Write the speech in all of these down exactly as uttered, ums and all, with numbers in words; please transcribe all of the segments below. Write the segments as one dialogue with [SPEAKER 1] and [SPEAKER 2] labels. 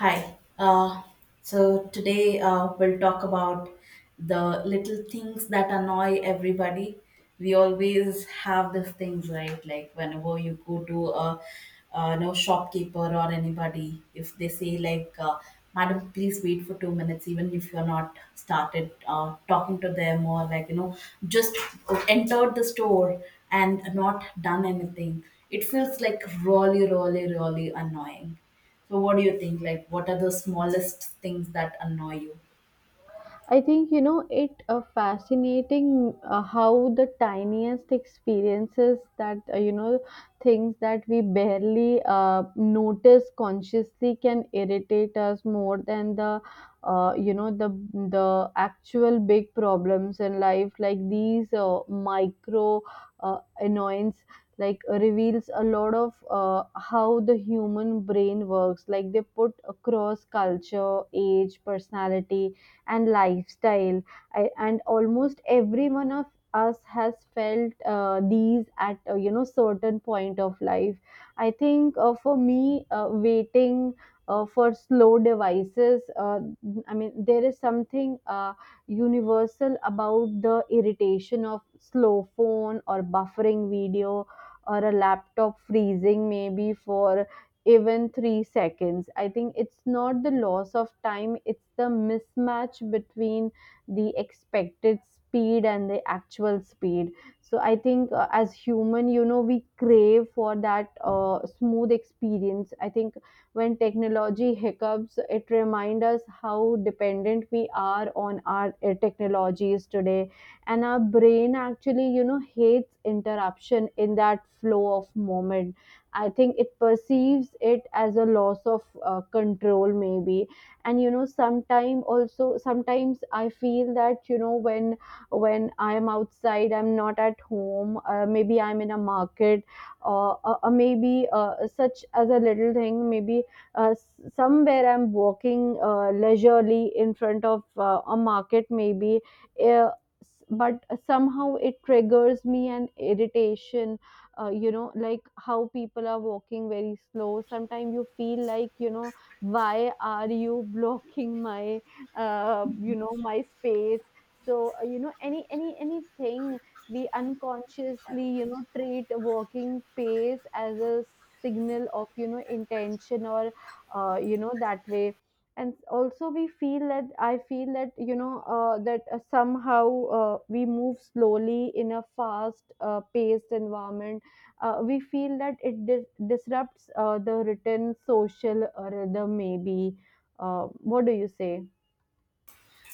[SPEAKER 1] Hi. Uh, so today uh, we'll talk about the little things that annoy everybody. We always have these things, right? Like whenever you go to a, uh, no shopkeeper or anybody, if they say like, uh, "Madam, please wait for two minutes," even if you're not started uh, talking to them or like you know just entered the store and not done anything, it feels like really, really, really annoying. So, what do you think? Like, what are the smallest things that annoy you?
[SPEAKER 2] I think you know it uh, fascinating uh, how the tiniest experiences that uh, you know things that we barely uh, notice consciously can irritate us more than the uh, you know the the actual big problems in life, like these uh, micro uh, annoyance like reveals a lot of uh, how the human brain works, like they put across culture, age, personality and lifestyle. I, and almost every one of us has felt uh, these at a, you know certain point of life. I think uh, for me, uh, waiting. Uh, for slow devices, uh, I mean, there is something uh, universal about the irritation of slow phone or buffering video or a laptop freezing maybe for even three seconds. I think it's not the loss of time, it's the mismatch between the expected speed and the actual speed. So I think uh, as human, you know, we crave for that uh, smooth experience. I think when technology hiccups, it reminds us how dependent we are on our uh, technologies today. And our brain actually, you know, hates interruption in that flow of moment. I think it perceives it as a loss of uh, control, maybe. And you know, sometime also, sometimes I feel that you know, when when I am outside, I'm not at home. Uh, maybe I'm in a market, or uh, uh, maybe uh, such as a little thing. Maybe uh, s- somewhere I'm walking uh, leisurely in front of uh, a market, maybe. Uh, s- but somehow it triggers me an irritation. Uh, you know, like how people are walking very slow, sometimes you feel like, you know, why are you blocking my uh, you know my space. So uh, you know any any anything, we unconsciously, you know, treat walking pace as a signal of, you know, intention or uh, you know that way. And also we feel that, i feel that, you know, uh, that uh, somehow uh, we move slowly in a fast uh, paced environment, uh, we feel that it dis- disrupts uh, the written social uh, rhythm, maybe. Uh, what do you say?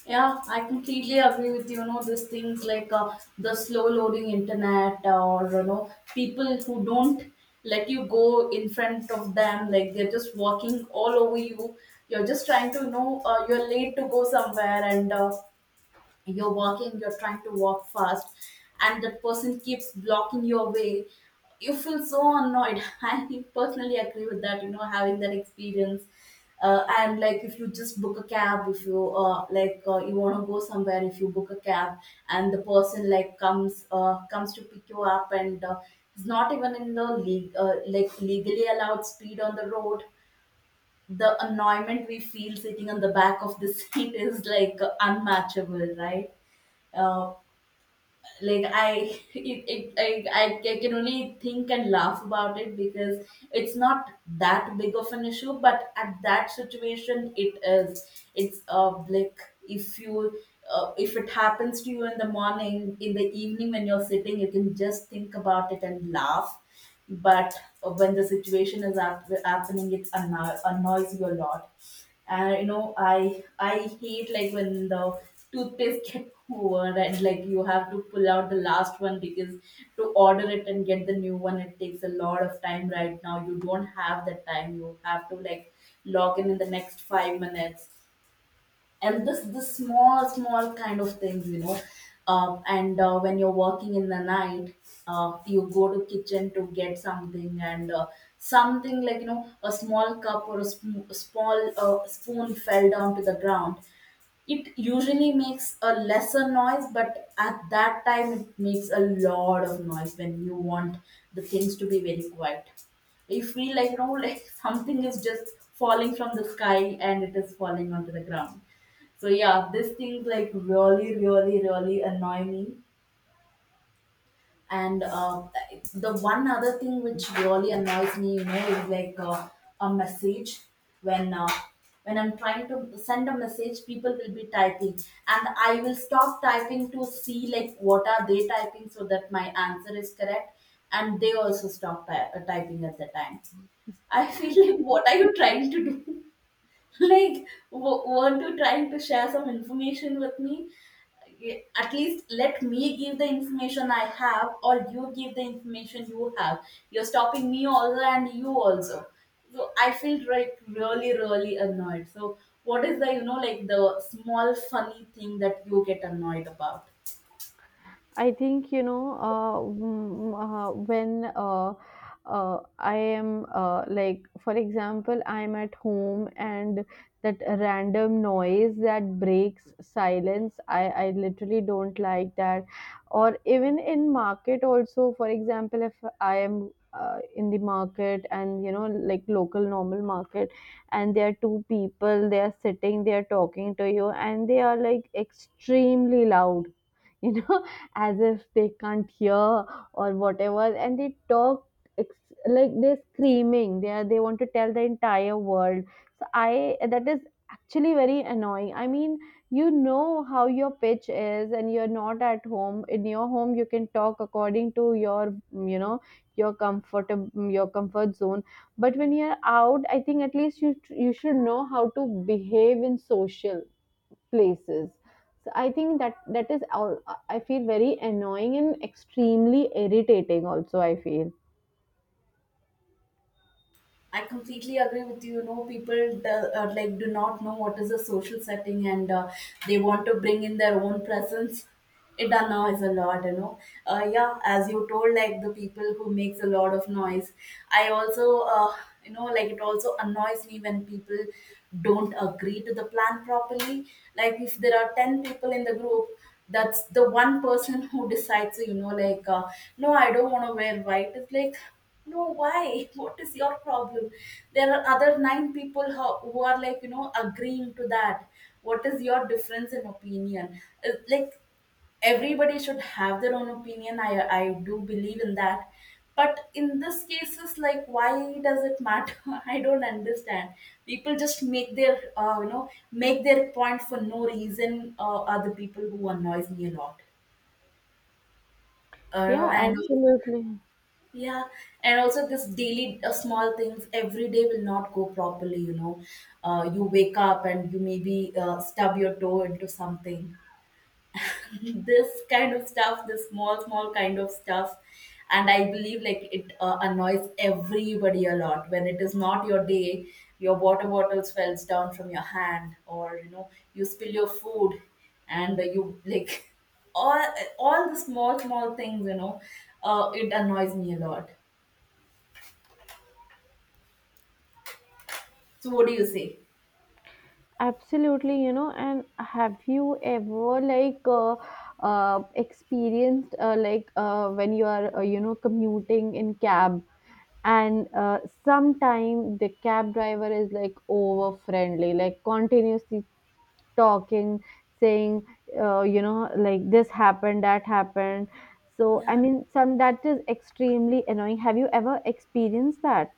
[SPEAKER 1] Yeah, I completely agree with you. You know, these things like uh, the slow loading internet, uh, or you know, people who don't let you go in front of them, like they're just walking all over you. You're just trying to you know, uh, you're late to go somewhere, and uh, you're walking, you're trying to walk fast, and that person keeps blocking your way. You feel so annoyed. I personally agree with that, you know, having that experience. Uh, and like if you just book a cab, if you uh, like uh, you want to go somewhere, if you book a cab and the person like comes uh, comes to pick you up, and uh, is not even in the le- uh, like legally allowed speed on the road, the annoyment we feel sitting on the back of the seat is like unmatchable, right? uh, like I, it, it, I, I I can only think and laugh about it because it's not that big of an issue. But at that situation, it is. It's uh, like if you, uh, if it happens to you in the morning, in the evening when you're sitting, you can just think about it and laugh. But when the situation is hap- happening, it anno- annoys you a lot. And you know, i i hate like when the toothpaste get over, and like you have to pull out the last one because to order it and get the new one, it takes a lot of time. Right now you don't have that time, you have to like log in in the next five minutes. And this this small small kind of things, you know. Uh, and uh, when you're working in the night, uh, you go to kitchen to get something, and uh, something like you know a small cup or a sm- small uh, spoon fell down to the ground. It usually makes a lesser noise, but at that time it makes a lot of noise when you want the things to be very quiet. You feel like you know like something is just falling from the sky and it is falling onto the ground. So yeah, these things like really, really, really annoy me. And uh, the one other thing which really annoys me, you know, is like, uh, a message when uh, when I'm trying to send a message, people will be typing, and I will stop typing to see like what are they typing so that my answer is correct, and they also stop ty- uh, typing at the time. I feel like, what are you trying to do? Like, w- weren't you trying to share some information with me? Y- At least let me give the information I have, or you give the information you have. You're stopping me also, and you also. So I feel like really, really annoyed. So what is the you know like the small funny thing that you get annoyed about?
[SPEAKER 2] I think you know, uh, mm, uh, when uh, uh, I am uh, like, for example, I am at home and that random noise that breaks silence. I I literally don't like that. Or even in market also, for example, if I am. Uh, in the market, and you know, like local normal market, and there are two people, they are sitting, they are talking to you and they are like extremely loud, you know, as if they can't hear or whatever, and they talk ex- like they're screaming, they are, they want to tell the entire world. So i that is actually very annoying. I mean, you know how your pitch is, and you're not at home. In your home you can talk according to your, you know, your comfort, your comfort zone, but when you're out, I think at least you you should know how to behave in social places. So I think that that is all, I feel very annoying and extremely irritating also, I feel.
[SPEAKER 1] I completely agree with you. You know, people do, uh, like do not know what is a social setting, and uh, they want to bring in their own presence. It done now is a lot, you know. Uh, yeah, as you told, like the people who makes a lot of noise. I also, uh, you know, like it also annoys me when people don't agree to the plan properly. Like if there are ten people in the group, that's the one person who decides. You know, like, uh, no, I don't want to wear white. It's like no, why? What is your problem? There are other nine people ho- who are like, you know, agreeing to that. What is your difference in opinion? Uh, Like, everybody should have their own opinion. I, I do believe in that. But in this cases, like, why does it matter? I don't understand. People just make their, uh, you know, make their point for no reason. Uh, are the people who annoys me a lot. Uh,
[SPEAKER 2] Yeah,
[SPEAKER 1] and
[SPEAKER 2] absolutely.
[SPEAKER 1] yeah, and also this daily uh, small things every day will not go properly, you know. Uh, you wake up and you maybe uh, stub your toe into something. This kind of stuff, this small, small kind of stuff. And I believe like it uh, annoys everybody a lot when it is not your day, your water bottle falls down from your hand, or you know, you spill your food and you like all all the small, small things, you know, uh, it annoys me a lot. So what do you say?
[SPEAKER 2] Absolutely, you know. And have you ever like uh, uh experienced uh, like, uh, when you are, uh, you know, commuting in cab, and uh, sometime the cab driver is like over friendly, like continuously talking, saying, uh, you know, like this happened, that happened. So, I
[SPEAKER 1] Yeah,
[SPEAKER 2] mean, some that is extremely annoying. Have you ever experienced that?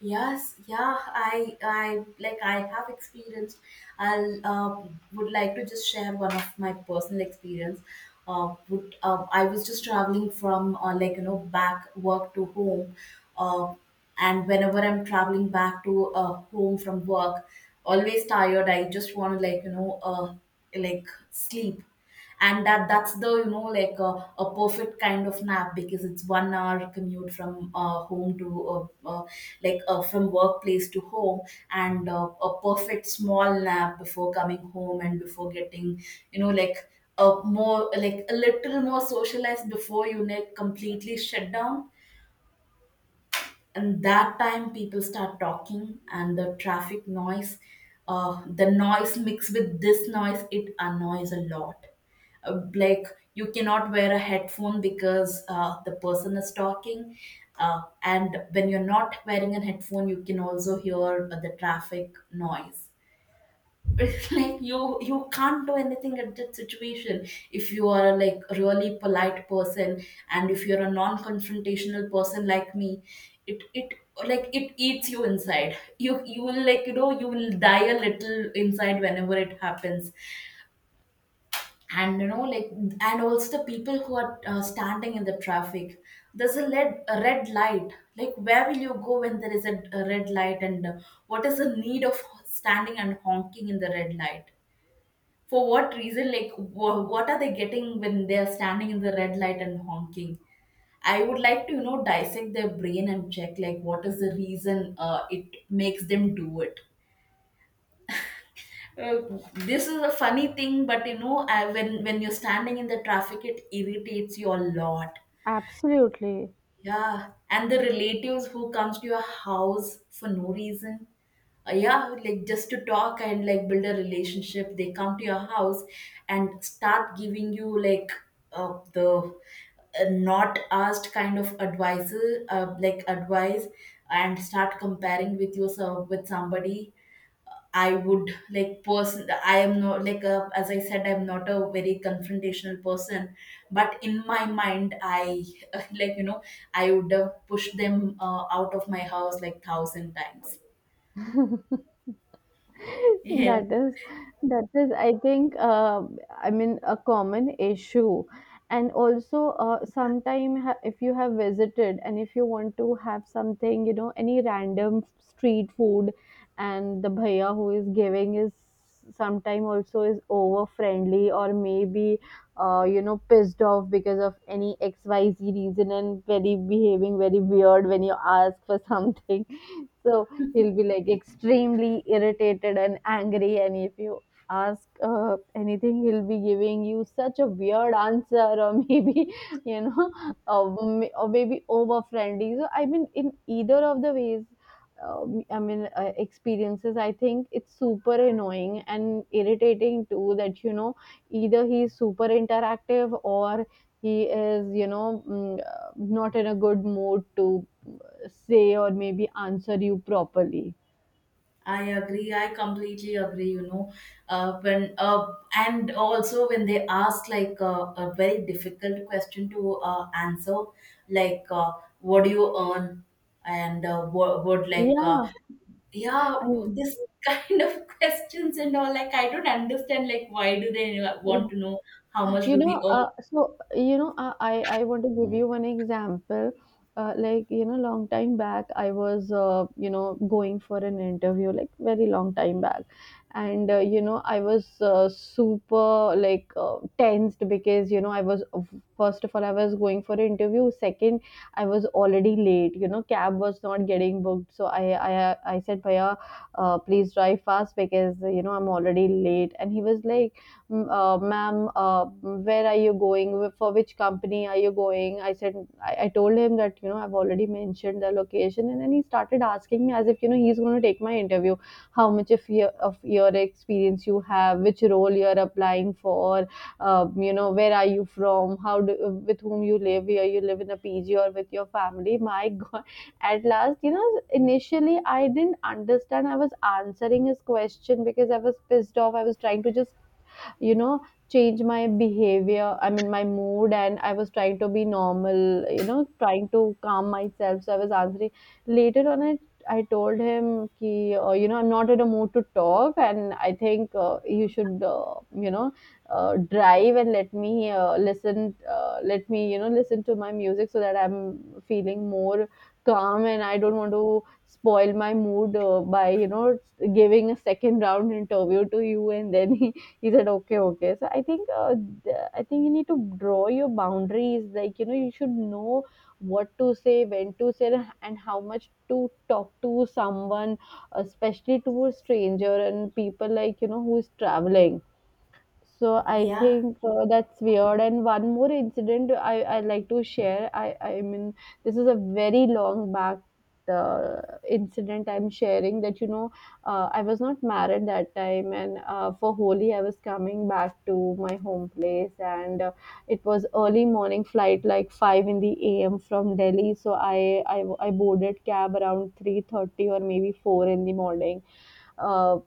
[SPEAKER 1] yes, yeah. I, I like I have experienced. I'll uh, would like to just share one of my personal experience. Uh, would uh, I was just traveling from uh, like you know back work to home, uh, and whenever I'm traveling back to uh, home from work, always tired. I just want to like you know uh, like sleep. And that that's the you know like a, a perfect kind of nap because it's one hour commute from uh, home to uh, uh, like uh, from workplace to home. And uh, a perfect small nap before coming home and before getting you know like a more like a little more socialized before you like completely shut down. And that time people start talking, and the traffic noise, uh, the noise mixed with this noise, it annoys a lot. Uh, like you cannot wear a headphone because uh, the person is talking. Uh, and when you're not wearing a headphone you can also hear uh, the traffic noise. It's like you you can't do anything at that situation if you are like a like, really polite person. And if you're a non-confrontational person like me, it it like it eats you inside. You you will like you know, you will die a little inside whenever it happens. And you know like, and also the people who are uh, standing in the traffic. There's a red a red light. Like where will you go when there is a, a red light, and uh, what is the need of standing and honking in the red light? For what reason? Like, wha- what are they getting when they are standing in the red light and honking? I would like to, you know, dissect their brain and check, like, what is the reason uh, it makes them do it. Uh, this is a funny thing, but you know, I, when when you're standing in the traffic, it irritates you a lot.
[SPEAKER 2] Absolutely.
[SPEAKER 1] Yeah, and the relatives who comes to your house for no reason. Uh, yeah, like just to talk and like build a relationship. They come to your house and start giving you like uh, the uh, not asked kind of advice, uh, like advice, and start comparing with yourself with somebody. I would like person. I am not like a, as I said, I'm not a very confrontational person. But in my mind, I like you know, I would have pushed them uh, out of my house like thousand times. Yeah.
[SPEAKER 2] That is, that is, I think uh, I mean, a common issue. And also uh, sometime ha- if you have visited and if you want to have something, you know, any random street food, and the bhaiya who is giving is sometime also is over friendly, or maybe uh, you know, pissed off because of any xyz reason and very behaving very weird when you ask for something. So he'll be like extremely irritated and angry, and if you ask uh, anything, he'll be giving you such a weird answer, or maybe you know, or, m- or maybe over friendly. So I mean, in either of the ways, um, I mean, uh, experiences, I think it's super annoying and irritating too. That, you know, either he's super interactive or he is, you know, mm, uh, not in a good mood to say or maybe answer you properly.
[SPEAKER 1] I agree. I completely agree. You know, uh, when uh, and also when they ask like uh, a very difficult question to uh, answer, like, uh, what do you earn, and uh, what, what like uh,
[SPEAKER 2] Yeah,
[SPEAKER 1] yeah,
[SPEAKER 2] and
[SPEAKER 1] this kind of questions and all, like I don't understand, like why do they
[SPEAKER 2] yeah.
[SPEAKER 1] want to know how much
[SPEAKER 2] You
[SPEAKER 1] do we
[SPEAKER 2] know,
[SPEAKER 1] earn?
[SPEAKER 2] uh, so you know, I I I want to give you one example. Uh, like, you know, long time back, I was, uh, you know, going for an interview, like very long time back, and uh, you know, I was uh, super like uh, tensed because you know I was first of all, I was going for an interview. Second, I was already late. You know, cab was not getting booked, so I I I said, "Bhaiya, uh, please drive fast because you know I'm already late." And he was like, uh, ma'am, uh, where are you going? For which company are you going? I said, I, I told him that, you know, I've already mentioned the location. And then he started asking me as if, you know, he's going to take my interview, how much of your, of your experience you have, which role you're applying for, um, you know, where are you from, how do, with whom you live, here you live in a P G or with your family. My God, at last, you know, initially I didn't understand. I was answering his question because I was pissed off. I was trying to just you know change my behavior, I mean my mood, and I was trying to be normal, you know, trying to calm myself, so I was answering. Later on, i I told him ki uh, you know, I'm not in a mood to talk, and I think uh, you should, uh, you know uh, drive and let me uh, listen, uh, let me, you know, listen to my music so that I'm feeling more calm, and I don't want to spoil my mood uh, by you know giving a second round interview to you. And then he he said okay okay. So I think uh, th- I think you need to draw your boundaries, like you know, you should know what to say, when to say, and how much to talk to someone, especially to a stranger and people, like you know, who's traveling. So I
[SPEAKER 1] Yeah,
[SPEAKER 2] think uh, that's weird. And one more incident I I like to share. I I mean, this is a very long back uh, incident I'm sharing. That you know, uh, I was not married that time, and uh, for Holi I was coming back to my home place, and uh, it was early morning flight like five in the A M from Delhi. So I I, I boarded cab around three thirty or maybe four in the morning. Uh,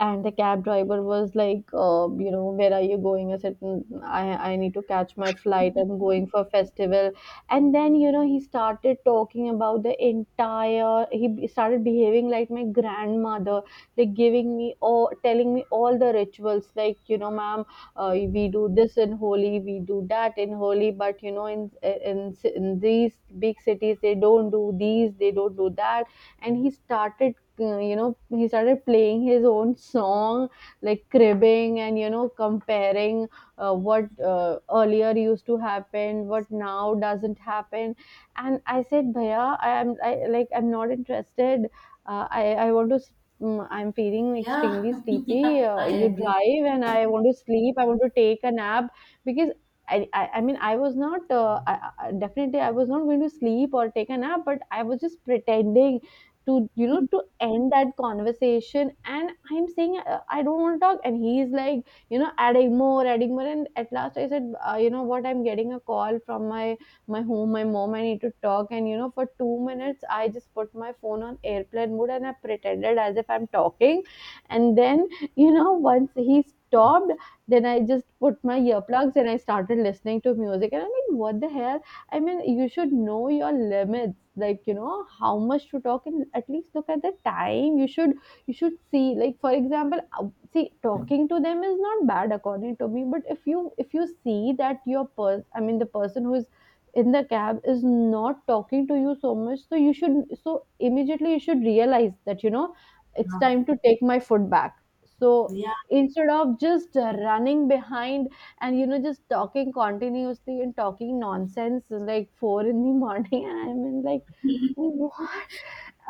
[SPEAKER 2] and the cab driver was like uh, you know, where are you going. I said, "Mm, i I need to catch my flight, I'm going for festival." And then, you know, he started talking about the entire, he be- started behaving like my grandmother, like giving me all, telling me all the rituals, like you know, ma'am, uh, we do this in holy, we do that in holy, but you know, in, in in these big cities they don't do these, they don't do that. And he started, uh, you know he started playing his own song, like cribbing and you know comparing uh, what uh, earlier used to happen, what now doesn't happen. And I said, bhaiya, i am I, like I'm not interested. Uh, I I want to s- mm, I'm feeling
[SPEAKER 1] yeah,
[SPEAKER 2] extremely sleepy,
[SPEAKER 1] yeah,
[SPEAKER 2] uh,
[SPEAKER 1] I
[SPEAKER 2] you
[SPEAKER 1] agree.
[SPEAKER 2] drive and I want to sleep, I want to take a nap. Because I, I, I mean, I was not, uh, I, I, definitely, I was not going to sleep or take a nap, but I was just pretending to, you know, to end that conversation. And I'm saying, uh, I don't want to talk, and he's like, you know, adding more adding more. And at last I said, uh, you know what, I'm getting a call from my my home, my mom, I need to talk. And you know, for two minutes I just put my phone on airplane mode and I pretended as if I'm talking. And then, you know, once he stopped, then I just put my earplugs and I started listening to music, and I'm like, what the hell. I mean, you should know your limits, like you know, how much to talk, and at least look at the time. You should you should see, like for example, uh, see talking to them is not bad according to me, but if you if you see that your person, I mean the person who is in the cab is not talking to you so much, so you should so immediately you should realize that you know it's
[SPEAKER 1] Yeah.
[SPEAKER 2] time to take my foot back. So instead of just uh, running behind and you know just talking continuously and talking nonsense like four in the morning and I'm in like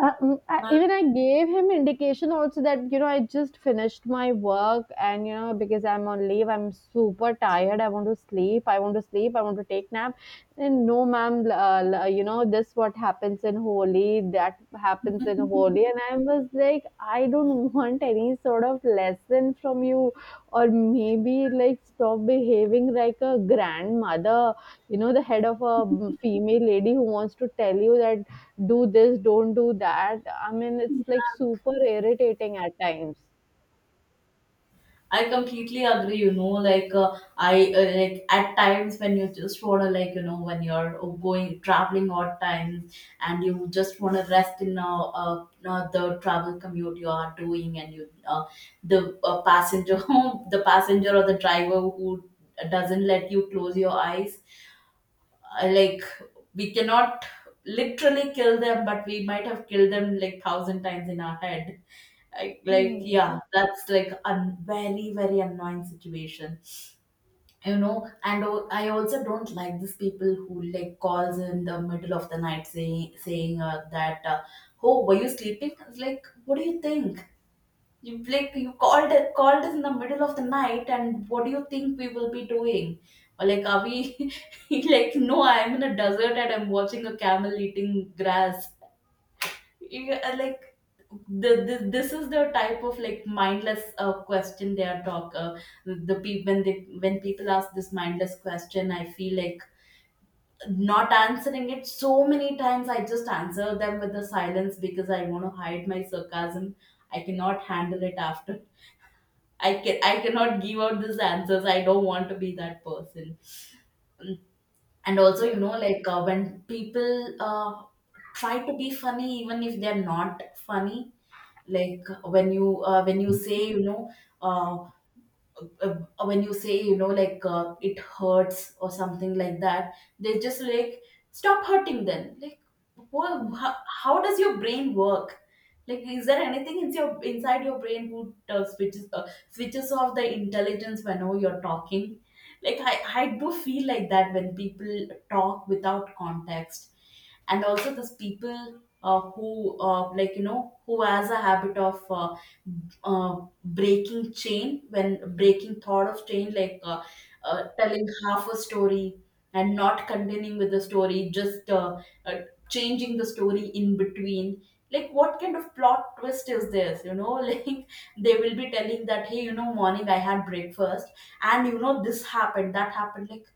[SPEAKER 2] uh, mm, I,
[SPEAKER 1] Yeah.
[SPEAKER 2] even I gave him indication also that you know I just finished my work, and you know because I'm on leave I'm super tired, I want to sleep, I want to sleep, I want to take nap. And no ma'am, l- uh, l- uh, you know this what happens in Holi, that happens in Holi. And I was like I don't want any sort of lesson from you, or maybe like stop behaving like a grandmother, you know the head of a mm, female lady who wants to tell you that do this, don't do that. I mean, it's like super irritating at times.
[SPEAKER 1] I completely agree. You know, like uh, I uh, like at times when you just wanna like you know when you're uh, going traveling odd times and you just wanna rest in uh, uh, uh, the travel commute you are doing, and you uh, the uh, passenger the passenger or the driver who doesn't let you close your eyes. I like, we cannot literally kill them, but we might have killed them like thousand times in our head. Like, like
[SPEAKER 2] Hmm.
[SPEAKER 1] yeah, that's like a very, very annoying situation, you know. And o- I also don't like these people who like calls in the middle of the night saying saying uh, that, uh, "Oh, were you sleeping?" It's like, what do you think? You like you called called us in the middle of the night, and what do you think we will be doing? Or like, are we like, no, I am in a desert and I'm watching a camel eating grass. You, uh, like the, the This is the type of like mindless uh, question they are talk. Uh, the people when they when people ask this mindless question, I feel like not answering it. So many times I just answer them with the silence because I want to hide my sarcasm. I cannot handle it after. I can I cannot give out these answers. I don't want to be that person. And also, you know, like uh, when people uh, try to be funny, even if they're not funny, like when you uh, when you say, you know, uh, uh, when you say, you know like uh, it hurts or something like that. They just like stop hurting then, like, wha- how, how does your brain work? Like is there anything in your inside your brain who uh, switches uh, switches off the intelligence whenever you're talking? Like I, I do feel like that when people talk without context. And also those people uh, who uh, like you know who has a habit of uh, uh, breaking chain when breaking thought of chain, like uh, uh, telling half a story and not continuing with the story, just uh, uh, changing the story in between. Like what kind of plot twist is this, you know? Like they will be telling that, "Hey, you know, morning I had breakfast, and you know, this happened, that happened." Like,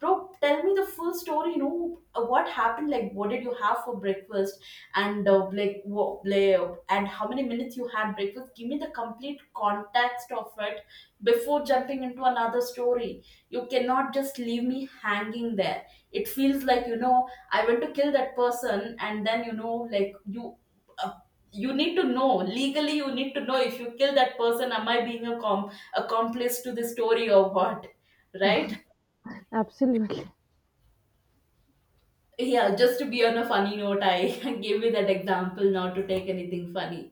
[SPEAKER 1] bro, tell me the full story, you know. Uh, what happened? Like what did you have for breakfast? And uh, like what like, and how many minutes you had breakfast? Give me the complete context of it before jumping into another story. You cannot just leave me hanging there. It feels like, you know, I went to kill that person and then, you know, like you uh, you need to know legally. You need to know if you kill that person, am I being a com- accomplice to the story, or what? Right.
[SPEAKER 2] Absolutely.
[SPEAKER 1] Yeah, just to be on a funny note, I gave you that example, not to take anything funny.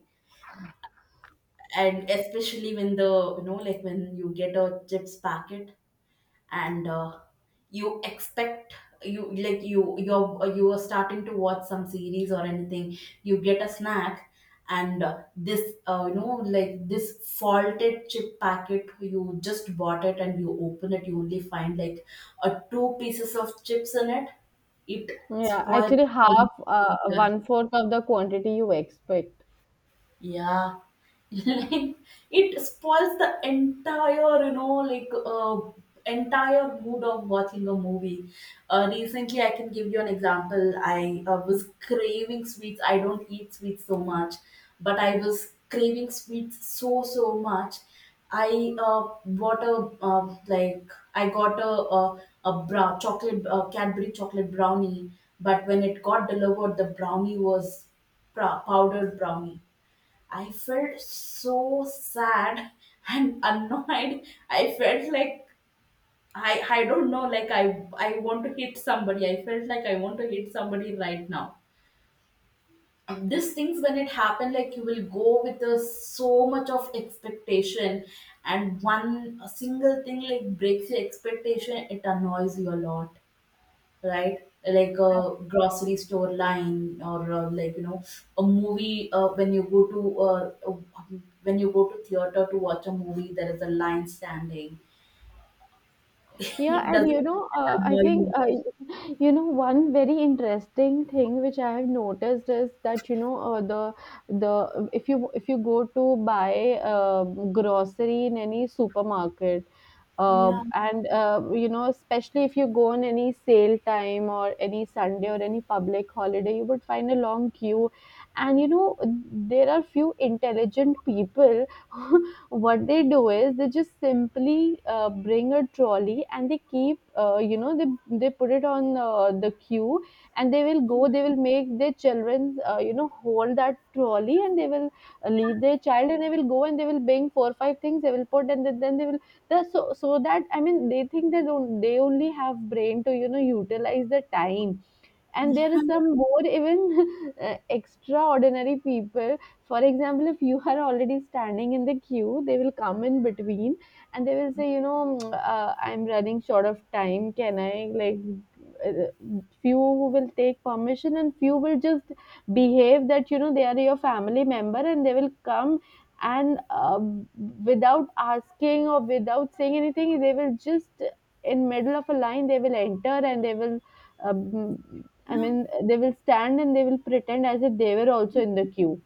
[SPEAKER 1] And especially when the you know like when you get a chips packet, and uh, you expect, you like you you're you are starting to watch some series or anything, you get a snack. And uh, this uh, you know like this faulted chip packet you just bought it, and you open it, you only find like a two pieces of chips in it. It
[SPEAKER 2] Yeah,
[SPEAKER 1] spoils
[SPEAKER 2] actually,
[SPEAKER 1] the
[SPEAKER 2] half, uh,
[SPEAKER 1] entire—
[SPEAKER 2] one fourth of the quantity you expect.
[SPEAKER 1] yeah. Like it spoils the entire, you know, like uh, entire mood of watching a movie. Uh, recently, I can give you an example. I uh, was craving sweets. I don't eat sweets so much, but I was craving sweets so so much. I uh, bought a uh, like I got a a, a brown chocolate uh, Cadbury chocolate brownie, but when it got delivered, the brownie was pra- powdered brownie. I felt so sad and annoyed. I felt like I I don't know, like I I want to hit somebody. I felt like I want to hit somebody right now. These things when it happen, like, you will go with a, so much of expectation, and one a single thing like breaks your expectation, it annoys you a lot, right? Like a grocery store line, or uh, like, you know, a movie. Uh, when you go to uh, uh, when you go to theater to watch a movie, there is a line standing. It
[SPEAKER 2] Yeah, and
[SPEAKER 1] doesn't
[SPEAKER 2] you know, uh, I
[SPEAKER 1] annoy
[SPEAKER 2] think,
[SPEAKER 1] you.
[SPEAKER 2] uh, you know, one very interesting thing which I have noticed is that, you know, uh, the the if you if you go to buy uh, grocery in any supermarket, uh,
[SPEAKER 1] Yeah,
[SPEAKER 2] and uh, you know especially if you go on any sale time or any Sunday or any public holiday, you would find a long queue. And you know there are few intelligent people. What they do is they just simply uh, bring a trolley, and they keep uh, you know they they put it on uh, the queue, and they will go, they will make their children uh, you know hold that trolley, and they will leave their child and they will go and they will bring four or five things, they will put, and then then they will the so so that I mean they think they don't, they only have brain to you know utilize the time. And there are some more even uh, extraordinary people. For example, if you are already standing in the queue, they will come in between and they will say, you know "Mm, uh, I'm running short of time, can I like uh, few"... will take permission, and few will just behave that you know they are your family member, and they will come and uh, without asking or without saying anything they will just in middle of a line they will enter, and they will um, I
[SPEAKER 1] yeah,
[SPEAKER 2] mean, they will stand and they will pretend as if they were also in the queue.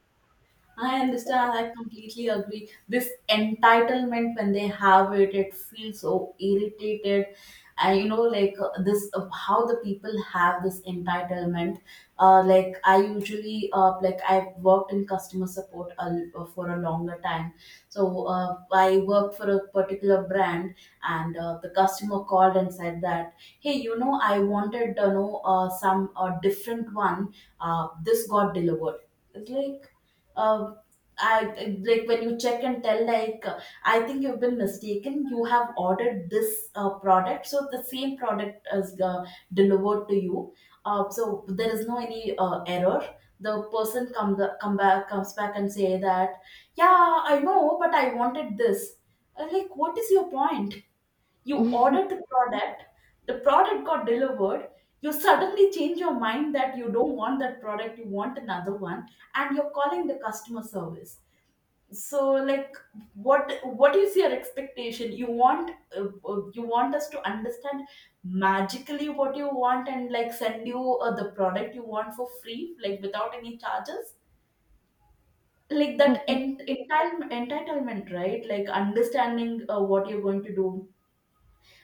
[SPEAKER 1] I understand. I completely agree. This entitlement, when they have it, it feels so irritated. And you know, like, uh, this, uh, how the people have this entitlement. Uh, like, I usually, uh, like I worked in customer support a, l- uh, for a longer time. So uh, I worked for a particular brand, and uh, the customer called and said that, "Hey, you know, I wanted, you know, uh, some uh, different one. Uh, this got delivered." It's like, uh, I like when you check and tell, like, uh, I think you've been mistaken. You have ordered this uh, product, so the same product is uh, delivered to you. Uh, so there is no any uh, error. The person come the, come back comes back and say that, yeah, I know, but I wanted this. I'm like, what is your point? You ordered the product. The product got delivered. You suddenly change your mind that you don't want that product, you want another one, and you're calling the customer service. So, like, what what is your expectation? You want uh, uh, you want us to understand magically what you want, and like send you uh, the product you want for free, like, without any charges. Like that ent- entitle- entitlement, right, like understanding uh, what you're going to do.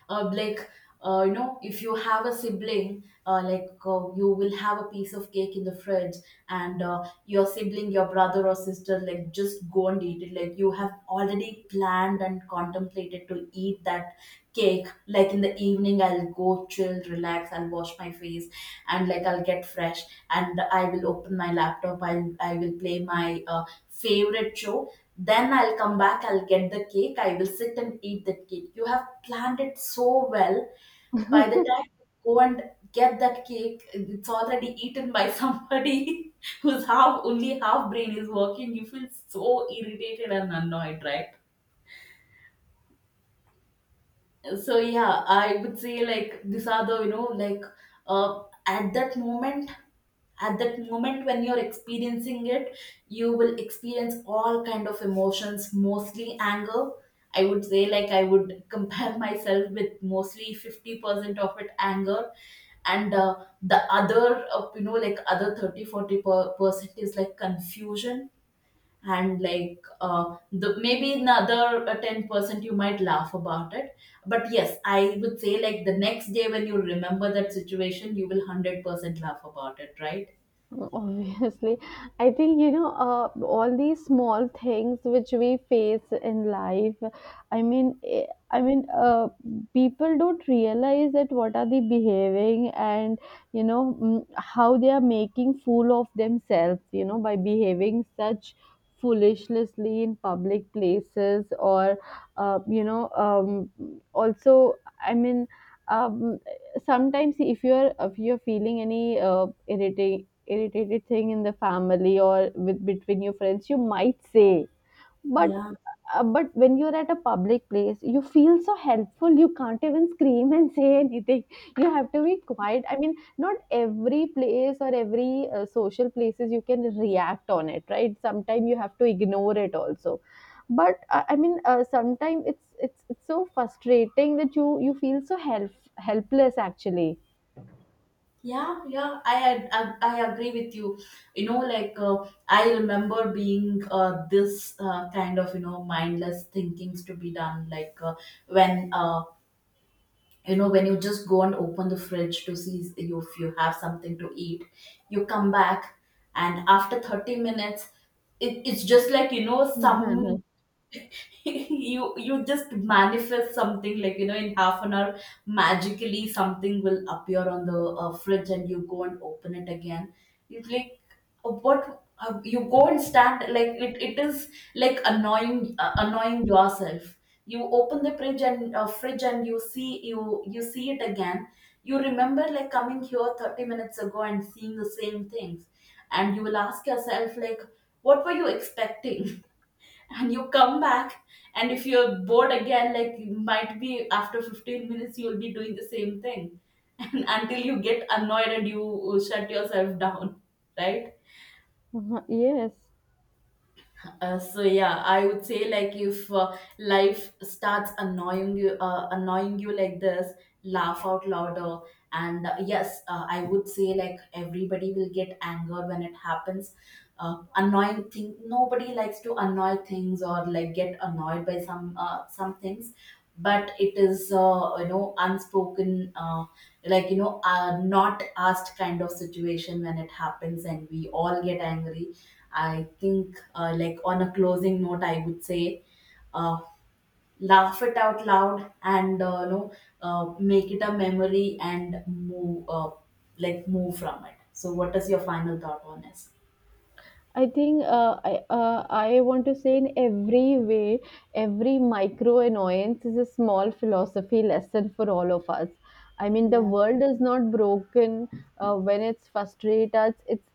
[SPEAKER 1] uh, Like, uh, you know, if you have a sibling, uh, like, uh, you will have a piece of cake in the fridge, and uh, your sibling, your brother or sister, like, just go and eat it. Like you have already planned and contemplated to eat that cake, like, in the evening I'll go chill, relax, I'll wash my face, and like I'll get fresh, and I will open my laptop, i'll I will play my uh, favorite show, then I'll come back, I'll get the cake, I will sit and eat that cake. You have planned it so well. By the time I go and get that cake, it's already eaten by somebody whose half only half brain is working. You feel so irritated and annoyed, right? So yeah, I would say, like, these are the, you know, like, uh, at that moment at that moment when you're experiencing it, you will experience all kind of emotions, mostly anger. I would say, like, I would compare myself with mostly fifty percent of it anger, and uh, the other, uh, you know, like other thirty forty per- percent is like confusion, and like uh, the maybe another uh, ten percent you might laugh about it. But yes, I would say, like, the next day when you remember that situation, you will a hundred percent laugh about it, right.
[SPEAKER 2] Obviously, I think you know uh, all these small things which we face in life. I mean, eh, I mean, uh, people don't realize that what are they behaving, and you know mm, how they are making fool of themselves, You know by behaving such foolishly in public places. Or uh, you know um, also I mean. Um, sometimes if you're if you're feeling any uh, irritating irritated thing in the family or with between your friends you might say, but
[SPEAKER 1] Yeah,
[SPEAKER 2] uh, but when you're at a public place you feel so helpful, you can't even scream and say anything, you have to be quiet. I mean, not every place or every uh, social places you can react on it, right? Sometimes you have to ignore it also. But uh, i mean uh, sometimes it's it's it's so frustrating that you you feel so help helpless actually.
[SPEAKER 1] yeah, yeah, i had- I, I agree with you. You know, like, uh, I remember being uh, this uh, kind of, you know, mindless thinkings to be done, like, uh, when uh, you know, when you just go and open the fridge to see if you have something to eat, you come back, and after thirty minutes, it, it's just like, you know, some.
[SPEAKER 2] Mhm.
[SPEAKER 1] you you just manifest something, like, you know, in half an hour magically something will appear on the uh, fridge, and you go and open it again. It's like, uh, what, uh, you go and stand, like, it, it is like annoying uh, annoying yourself. You open the fridge and uh, fridge and you see, you you see it again. You remember, like, coming here thirty minutes ago and seeing the same things, and you will ask yourself, like, what were you expecting? And you come back, and if you're bored again, like, you might be after fifteen minutes you'll be doing the same thing. And until you get annoyed and you shut yourself down, right.
[SPEAKER 2] Mhm. Yes.
[SPEAKER 1] Uh, so yeah, I would say, like, if uh, life starts annoying you, uh, annoying you like this, laugh out louder. And uh, yes, uh, I would say like everybody will get anger when it happens. Uh, annoying thing. Nobody likes to annoy things or like get annoyed by some uh, some things. But it is, uh, you know, unspoken, uh, like, you know, uh, not asked kind of situation when it happens, and we all get angry. I think, uh, like, on a closing note, I would say, uh, laugh it out loud, and uh, you know, uh, make it a memory and move, uh, like move from it. So, what is your final thought on this?
[SPEAKER 2] I think uh, I uh, I want to say, in every way, every micro annoyance is a small philosophy lesson for all of us. I mean, the
[SPEAKER 1] Yeah.
[SPEAKER 2] world is not broken uh, when it's frustrated us. It's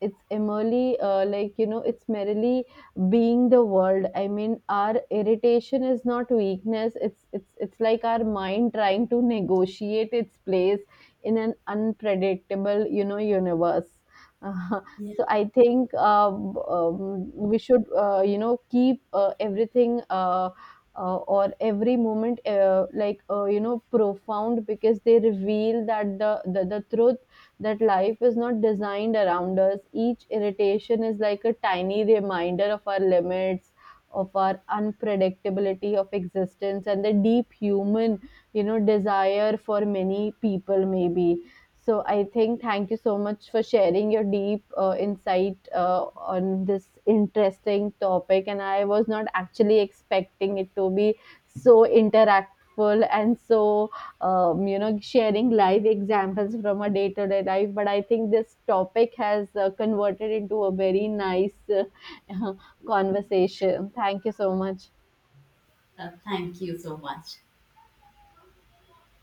[SPEAKER 2] it's merely uh, like you know, it's merely being the world. I mean, our irritation is not weakness. It's it's it's like our mind trying to negotiate its place in an unpredictable you know universe.
[SPEAKER 1] Yeah.
[SPEAKER 2] So I think um, um, we should uh, you know keep uh, everything uh, uh, or every moment uh, like uh, you know profound, because they reveal that the, the the truth that life is not designed around us. Each irritation is like a tiny reminder of our limits, of our unpredictability of existence, and the deep human you know desire for many people maybe. So I think thank you so much for sharing your deep uh, insight uh, on this interesting topic. And I was not actually expecting it to be so interactful, and so um, you know sharing live examples from a day-to-day life. But I think this topic has uh, converted into a very nice uh, conversation. Thank you so much.
[SPEAKER 1] Uh, thank you so much.